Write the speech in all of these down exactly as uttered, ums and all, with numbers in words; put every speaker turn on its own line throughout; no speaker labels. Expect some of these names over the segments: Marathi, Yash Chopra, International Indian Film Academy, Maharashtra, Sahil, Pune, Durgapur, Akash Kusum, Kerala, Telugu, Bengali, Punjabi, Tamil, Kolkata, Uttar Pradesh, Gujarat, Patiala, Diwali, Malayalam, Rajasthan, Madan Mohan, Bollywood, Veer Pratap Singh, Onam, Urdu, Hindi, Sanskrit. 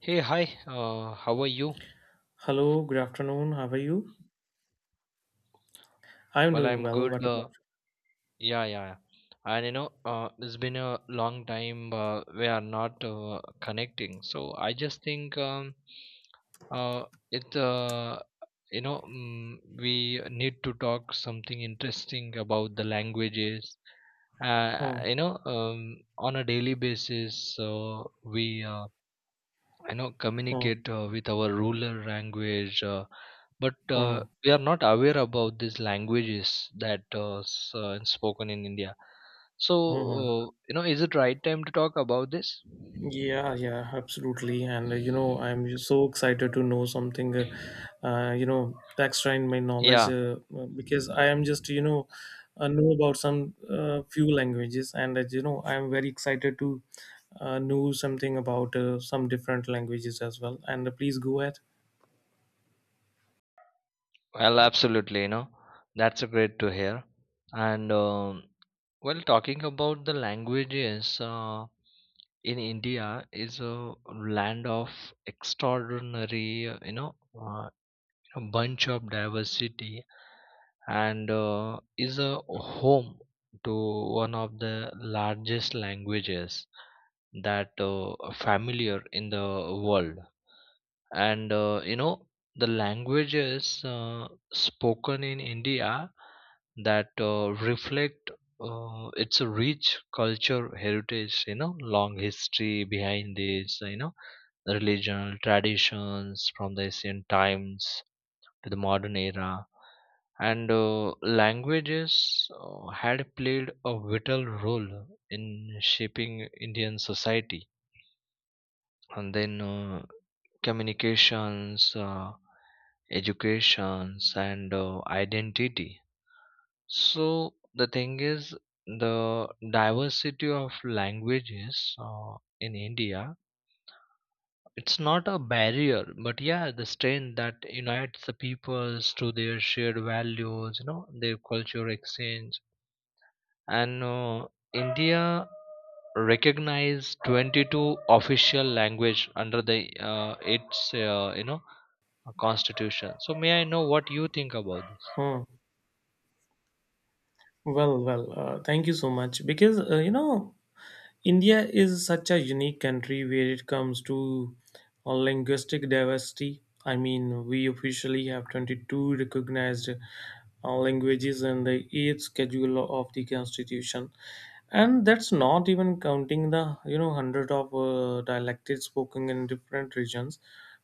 Hey, hi. Uh, how are you?
Hello, good afternoon. How are you? I'm
Well,
doing
I'm
well. What
good.
about
Uh,
you?
yeah, yeah. yeah. And you know, uh, it's been a long time uh, we are not uh, connecting. So I just think um, uh, it. Uh, you know, mm, we need to talk something interesting about the languages. Uh,
Hmm,
you know, um, on a daily basis, so we uh, I know
hmm,
communicate uh, with our ruler language, uh, but uh,
hmm,
we are not aware about these languages that uh, s- uh, spoken in India. So
hmm, hmm.
uh, you know, is it right time to talk about this?
Yeah, yeah, absolutely. And uh, you know, I'm just so excited to know something, uh, uh, you know, extra in my knowledge
Yeah,
uh, uh, because I am just, you know, uh, know about some uh, few languages, and uh, you know, I'm very excited to uh, know something about uh, some different languages as well. And uh, please go ahead.
well, absolutely. You know, that's a great to hear. And um, well, talking about the languages uh, in India is a land of extraordinary, uh, you know, uh, a bunch of diversity and uh, is a home to one of the largest languages that uh, are familiar in the world and uh, you know the languages uh, spoken in India that uh, reflect uh, its rich culture heritage, you know, long history behind this, you know, the religion traditions from the ancient times to the modern era, and uh, languages uh, had played a vital role in shaping Indian society, and then uh, communications uh, educations, and uh, identity. So the thing is, the diversity of languages uh, in India, it's not a barrier, but yeah, the strength that unites the peoples to their shared values, you know, their culture exchange. And uh, India recognized twenty-two official language under the uh, its uh, you know, constitution. So may I know what you think about this?
Hmm. Well, well, uh, thank you so much because uh, you know India is such a unique country where it comes to uh, linguistic diversity. I mean, we officially have twenty-two recognized uh, languages in the eighth schedule of the constitution. And that's not even counting the, you know, hundred of uh, dialects spoken in different regions.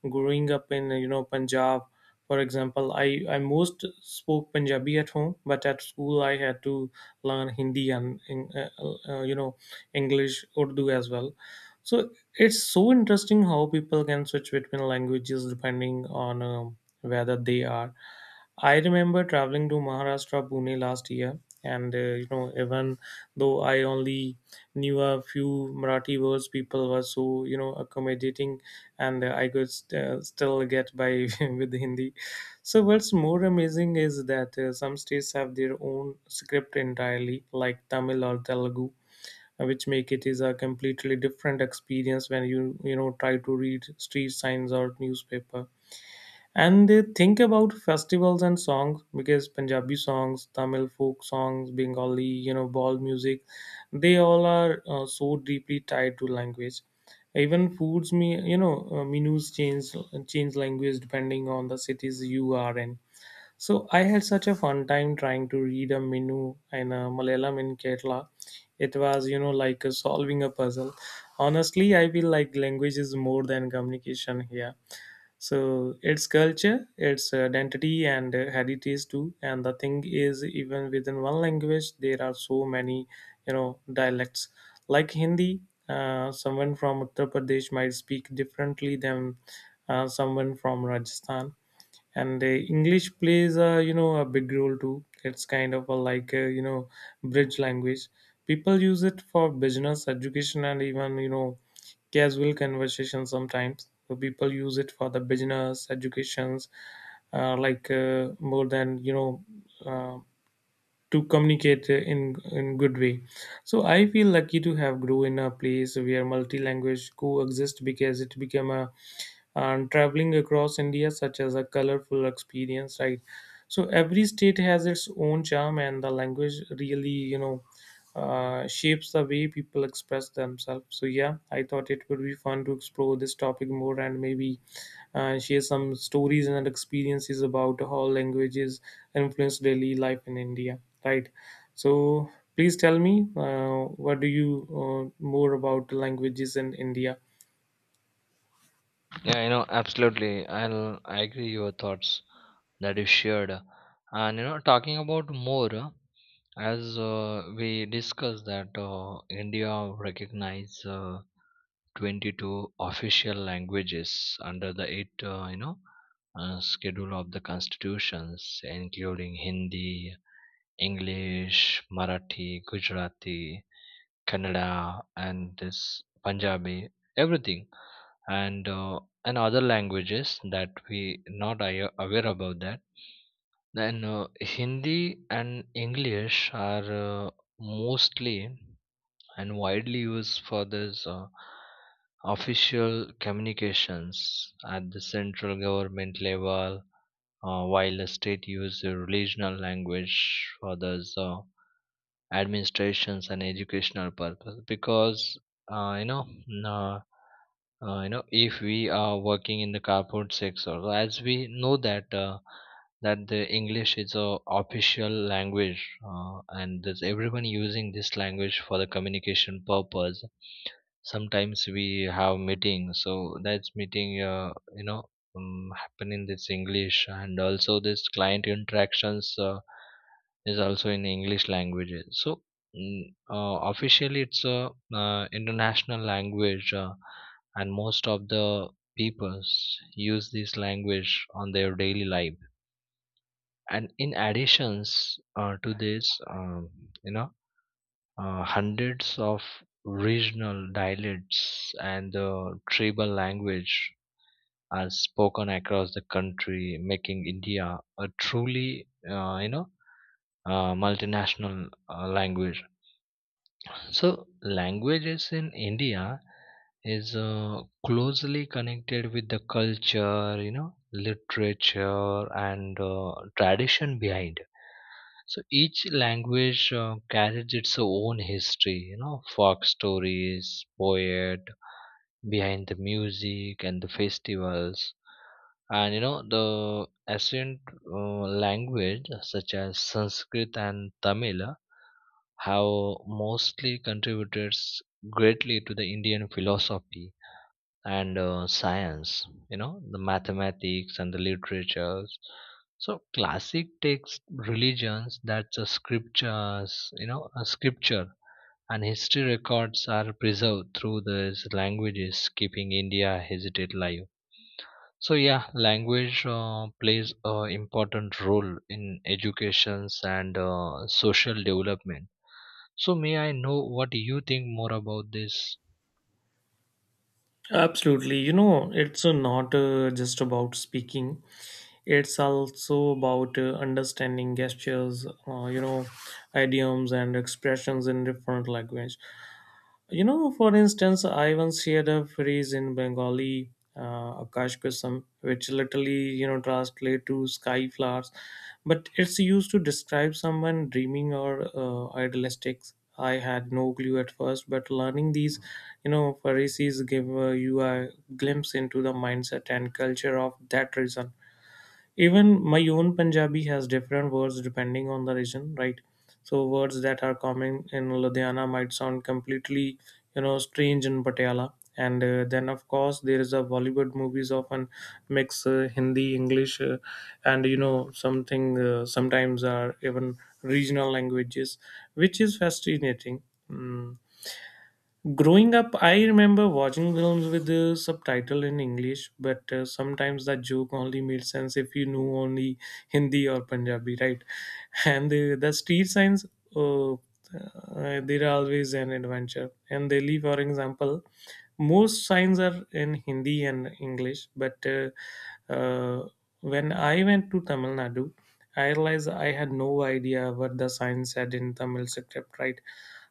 Growing up in, you know, Punjab, for example, I, I most spoke Punjabi at home, but at school I had to learn Hindi and, in- uh, uh, you know, English, Urdu as well. So it's so interesting how people can switch between languages depending on um, whether they are. I remember traveling to Maharashtra, Pune last year, and uh, you know, even though I only knew a few Marathi words, people were so you know accommodating, and uh, I could st- uh, still get by with Hindi. So what's more amazing is that uh, some states have their own script entirely, like Tamil or Telugu uh, which make it is a completely different experience when you you know try to read street signs or newspaper, and they think about festivals and songs because punjabi songs, tamil folk songs, bengali you know ball music, they all are uh, so deeply tied to language. Even foods me you know uh, menus change change language depending on the cities you are in. So I had such a fun time trying to read a menu in uh, Malayalam in Kerala. It was, you know, like uh, solving a puzzle. Honestly, I feel like language is more than communication here. So it's culture, it's uh, identity and uh, heritage too. And the thing is, even within one language, there are so many, you know, dialects. Like Hindi, uh, someone from Uttar Pradesh might speak differently than uh, someone from Rajasthan. And the english plays a you know a big role too. It's kind of a like a you know bridge language. People use it for business education and even you know casual conversation sometimes. So people use it for the business educations, uh, like uh, more than you know uh, to communicate in in good way. So I feel lucky to have grew in a place where multi language coexist because it became a and traveling across India such as a colorful experience, right? So every state has its own charm, and the language really, you know, uh, shapes the way people express themselves. So yeah, I thought it would be fun to explore this topic more and maybe uh, share some stories and experiences about how languages influence daily life in India, right? So please tell me, uh, what do you uh, more about languages in India?
Yeah, you know, absolutely. I'll I agree your thoughts that you shared. And you know, talking about more uh, as uh, we discussed that uh, India recognize uh, twenty-two official languages under the eight uh, you know, uh, schedule of the constitutions, including Hindi, English, Marathi, Gujarati, Kannada, and this Punjabi, everything, and uh, and other languages that we not awa- aware about that. Then uh, Hindi and English are uh, mostly and widely used for this uh, official communications at the central government level, uh, while the state use the regional language for this uh, administrations and educational purpose. Because uh, you know uh, uh, you know, if we are working in the corporate sector, so as we know that uh, that the English is a official language, uh, and there's everyone using this language for the communication purpose. Sometimes we have meetings, so that's meeting uh, you know um, happen in this English, and also this client interactions uh, is also in English language. So mm, uh, officially, it's a uh, international language, uh, and most of the peoples use this language on their daily life. And in additions uh, to this, um, you know, uh, hundreds of regional dialects and uh, tribal language are spoken across the country, making India a truly, uh, you know, uh, multinational uh, language. So, languages in India is uh, closely connected with the culture, you know, literature, and uh, tradition behind. So, each language uh, carries its own history, you know, folk stories, poet, behind the music, and the festivals. And you know, the ancient uh, language such as Sanskrit and Tamil have mostly contributed greatly to the Indian philosophy and uh, science, you know, the mathematics and the literatures. So classic text religions, that's a scriptures, you know, a scripture and history records are preserved through these languages, keeping India hesitate live. So yeah, language uh, plays a important role in educations and uh, social development, so may I know what you think more about this?
Absolutely. You know, it's uh, not uh, just about speaking, it's also about uh, understanding gestures, uh, you know, idioms and expressions in different language. You know, for instance, I once shared a phrase in Bengali, uh, Akash Kusum, which literally, you know, translate to sky flowers, but it's used to describe someone dreaming or uh, idealistic. I had no clue at first, but learning these, you know, phrases give uh, you a glimpse into the mindset and culture of that region. Even my own Punjabi has different words depending on the region, right? So words that are common in Ludhiana might sound completely, you know, strange in Patiala. And uh, then of course there is a Bollywood movies often mix uh, Hindi, English, uh, and you know something uh, sometimes are even regional languages, which is fascinating. Mm. Growing up, I remember watching films with the subtitle in English, but uh, sometimes that joke only made sense if you knew only Hindi or Punjabi, right? And the, the street signs, uh, uh, they're always an adventure. And they leave, for example, most signs are in Hindi and English, but uh, uh, when I went to Tamil Nadu, I realized I had no idea what the sign said in Tamil script, right?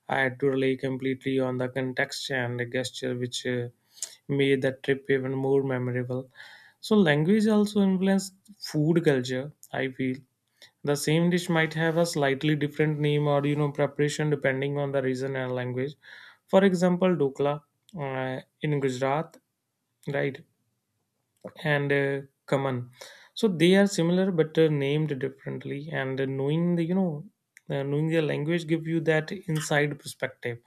I had to rely completely on the context and the gesture, which uh, made the trip even more memorable. So, language also influenced food culture, I feel. The same dish might have a slightly different name or you know preparation depending on the region and language. For example, Dokla uh, in Gujarat, right, and uh, Kaman. So they are similar but uh, named differently. And uh, knowing the you know uh, knowing their language give you that inside perspective.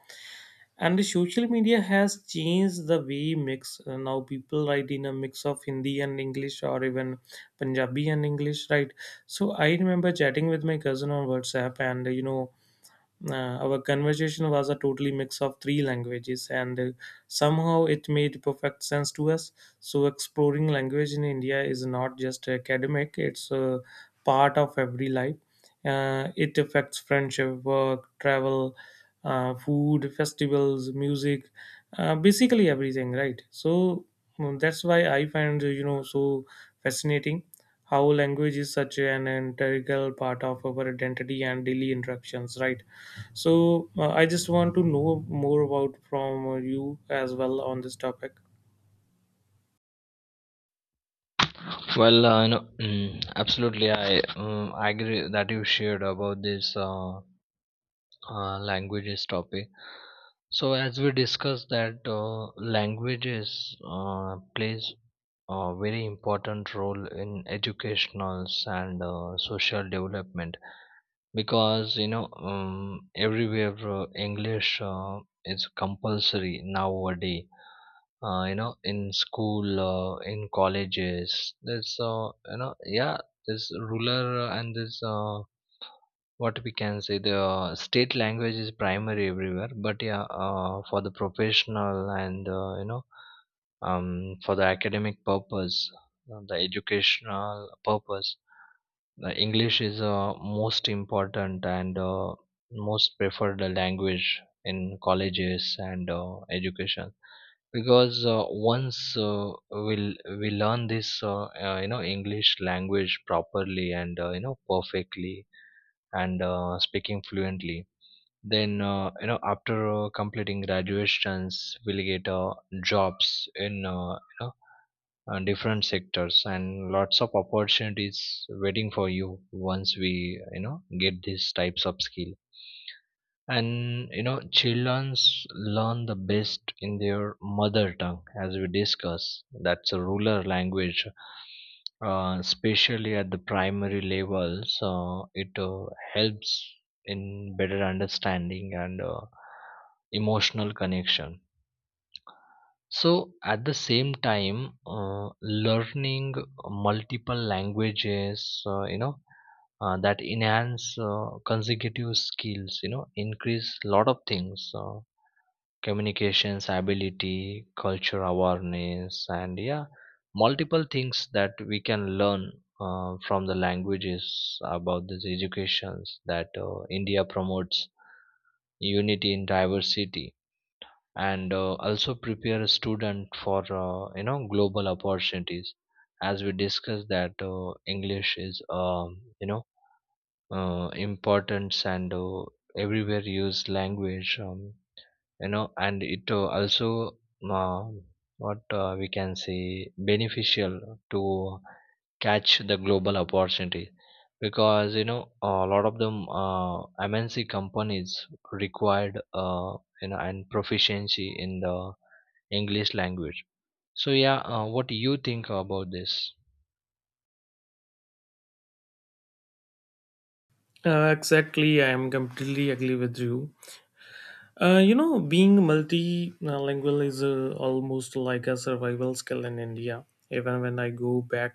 And the social media has changed the way mix uh, now people write in a mix of hindi and english or even punjabi and english, right? So I remember chatting with my cousin on whatsapp, and you know uh, our conversation was a totally mix of three languages, and uh, somehow it made perfect sense to us. So, exploring language in India is not just academic, it's a part of every life. Uh, it affects friendship, work, travel, uh, food, festivals, music, uh, basically everything, right? So, mm, that's why I find, uh, you know, so fascinating how language is such an integral part of our identity and daily interactions, right? So uh, I just want to know more about from uh, you as well on this topic.
Well, uh, you know, mm, absolutely, I um, I agree that you shared about this uh, uh, languages topic. So as we discussed that uh, languages uh, plays a very important role in educationals and uh, social development, because you know, um, everywhere uh, English uh, is compulsory nowadays, uh, you know, in school, uh, in colleges, there's uh, you know, yeah, this ruler uh, and this uh, what we can say the uh, state language is primary everywhere. But yeah, uh, for the professional and uh, you know, um, for the academic purpose, uh, the educational purpose, the English is uh, most important and uh, most preferred language in colleges and uh, education. Because uh, once uh, we'll we learn this uh, uh, you know, English language properly and, uh, you know, perfectly, and, uh, speaking fluently, then uh, you know, after uh, completing graduations, we'll get uh, jobs in, uh, you know, uh, different sectors, and lots of opportunities waiting for you once we, you know, get these types of skill. And you know, childrens learn the best in their mother tongue, as we discuss that's a ruler language, uh, especially at the primary level. So it uh, helps in better understanding and uh, emotional connection. So at the same time, uh, learning multiple languages, uh, you know, uh, that enhance uh, consecutive skills, you know, increase lot of things, uh, communications ability, culture awareness, and yeah, multiple things that we can learn uh, from the languages about this educations, that uh, India promotes unity in diversity, and uh, also prepare a student for, uh, you know, global opportunities. As we discussed that uh, English is, um, you know, uh, importance and uh, everywhere used language, um, you know, and it uh, also uh, what uh, we can say beneficial to catch the global opportunity, because you know, a lot of them uh, MNC companies required, uh, you know, and proficiency in the English language. So yeah, uh, what do you think about this?
Uh, exactly, I am completely agree with you. Uh, you know, being multilingual is uh, almost like a survival skill in India. Even when I go back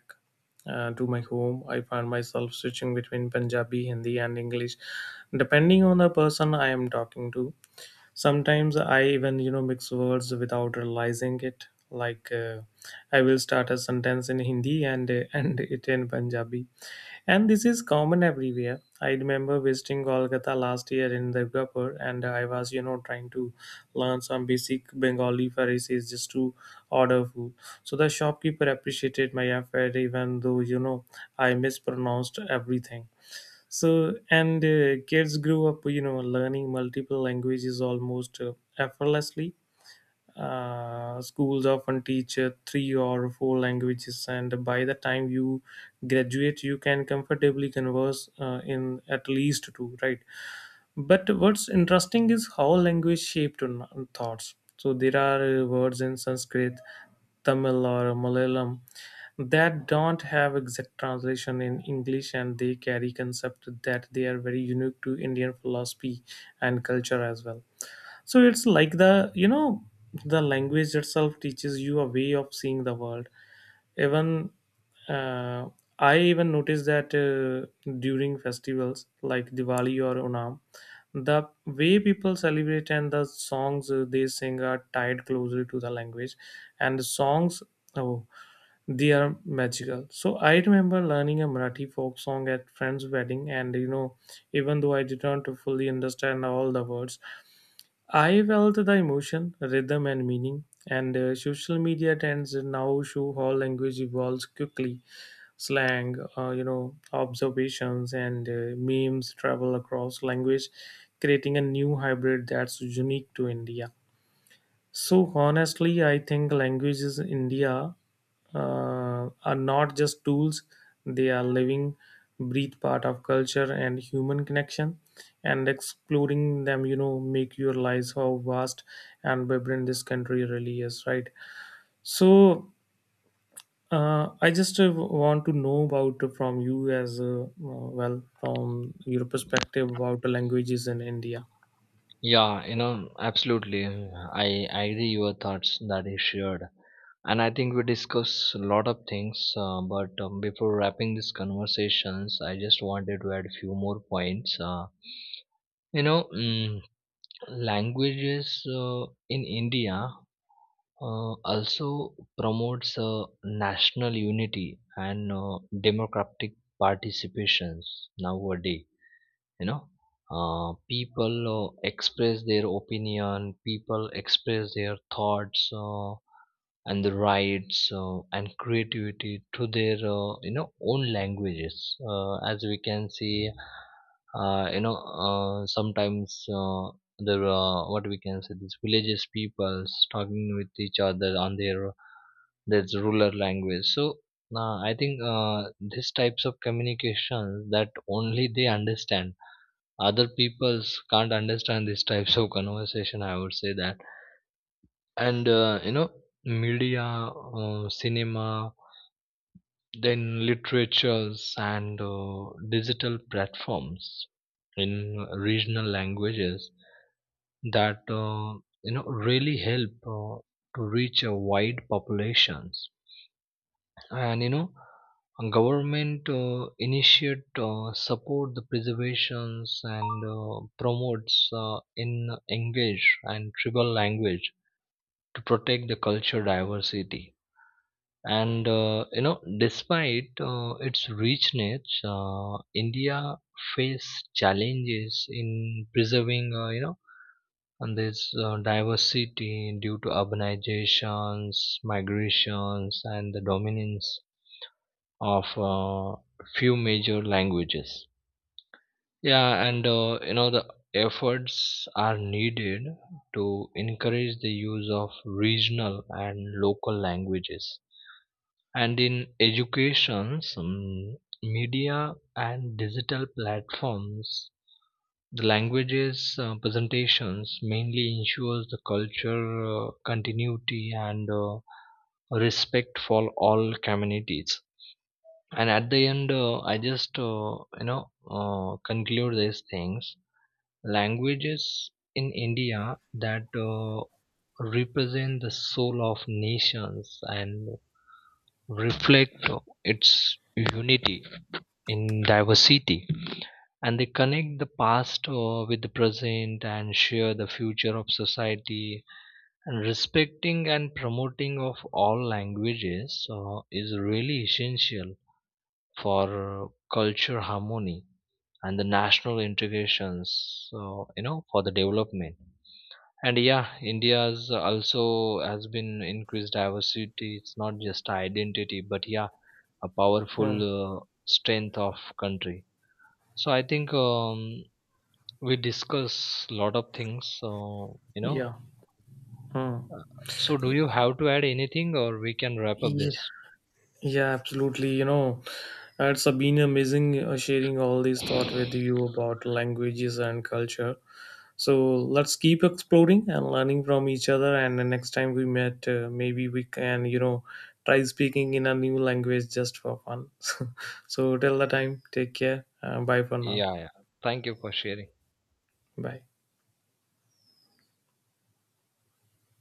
uh, to my home, I find myself switching between Punjabi, Hindi, and English, depending on the person I am talking to. Sometimes I even you know mix words without realizing it, like uh, I will start a sentence in hindi and uh, and it in punjabi. And this is common everywhere. I remember visiting kolkata last year in durgapur, and I was you know trying to learn some basic bengali phrases just to order food. So the shopkeeper appreciated my effort even though you know I mispronounced everything. So and uh, kids grew up you know learning multiple languages almost uh, effortlessly. Uh, schools often teach uh, three or four languages, and by the time you graduate you can comfortably converse uh, in at least two, right? But what's interesting is how language shaped n- thoughts. So there are uh, words in Sanskrit, Tamil, or Malayalam that don't have exact translation in English, and they carry concept that they are very unique to Indian philosophy and culture as well. So it's like the you know the language itself teaches you a way of seeing the world. Even uh, I even noticed that uh, during festivals like diwali or onam, the way people celebrate and the songs uh, they sing are tied closely to the language. And the songs, oh, they are magical. So I remember learning a marathi folk song at friend's wedding, and you know even though I didn't fully understand all the words, I felt the emotion, rhythm, and meaning. And uh, social media trends now show how language evolves quickly. Slang, uh, you know, observations, and uh, memes travel across language, creating a new hybrid that's unique to India. So honestly, I think languages in India uh, are not just tools; they are living, breathe part of culture and human connection. And exploring them, you know, make you realize how vast and vibrant this country really is, right? So uh, I just uh, want to know about from you as uh, well from your perspective about the languages in India.
Yeah, you know, absolutely. I, I agree your thoughts that you shared. And I think we discuss a lot of things, uh, but um, before wrapping these conversations, I just wanted to add a few more points. Uh, you know, mm, Languages uh, in India uh, also promotes uh, national unity and uh, democratic participations nowadays. You know, uh, people uh, express their opinion, people express their thoughts, uh, and the rights uh, and creativity to their, uh, you know, own languages, uh, as we can see. Uh, you know uh, sometimes uh, there uh, what we can say, these villages peoples talking with each other on their, that's rural language. So uh, i think uh, these types of communications that only they understand, other peoples can't understand these types of conversation, I would say that. And uh, you know, media, uh, cinema, then literatures, and uh, digital platforms in regional languages that, uh, you know, really help uh, to reach a wide populations. And you know, government uh, initiate uh, support the preservations and uh, promotes uh, in engage and tribal language to protect the culture diversity. And uh, you know, despite uh, its richness, uh, India face challenges in preserving, uh, you know and this uh, diversity due to urbanizations, migrations, and the dominance of uh, few major languages. Yeah, and uh, you know, the efforts are needed to encourage the use of regional and local languages and in education, some media and digital platforms, the languages uh, presentations mainly ensures the culture uh, continuity and uh, respect for all communities. And at the end, uh, i just uh, you know, uh, conclude these things. Languages in India that uh, represent the soul of nations and reflect its unity in diversity, and they connect the past uh, with the present and share the future of society. And respecting and promoting of all languages uh, is really essential for culture harmony and the national integrations. So you know, for the development, and yeah, India's also has been increased diversity, it's not just identity, but yeah, a powerful
Hmm.
uh, strength of country. So I think, um, we discuss a lot of things, so you know,
Yeah. Hmm.
so do you have to add anything, or we can wrap up
Yeah.
this?
Yeah, absolutely. You know, uh, it's uh, been amazing uh, sharing all these thought with you about languages and culture. So let's keep exploring and learning from each other. And the next time we met, uh, maybe we can, you know, try speaking in a new language just for fun. So till the time, take care. Uh, bye for now.
Yeah, yeah, thank you for sharing.
Bye.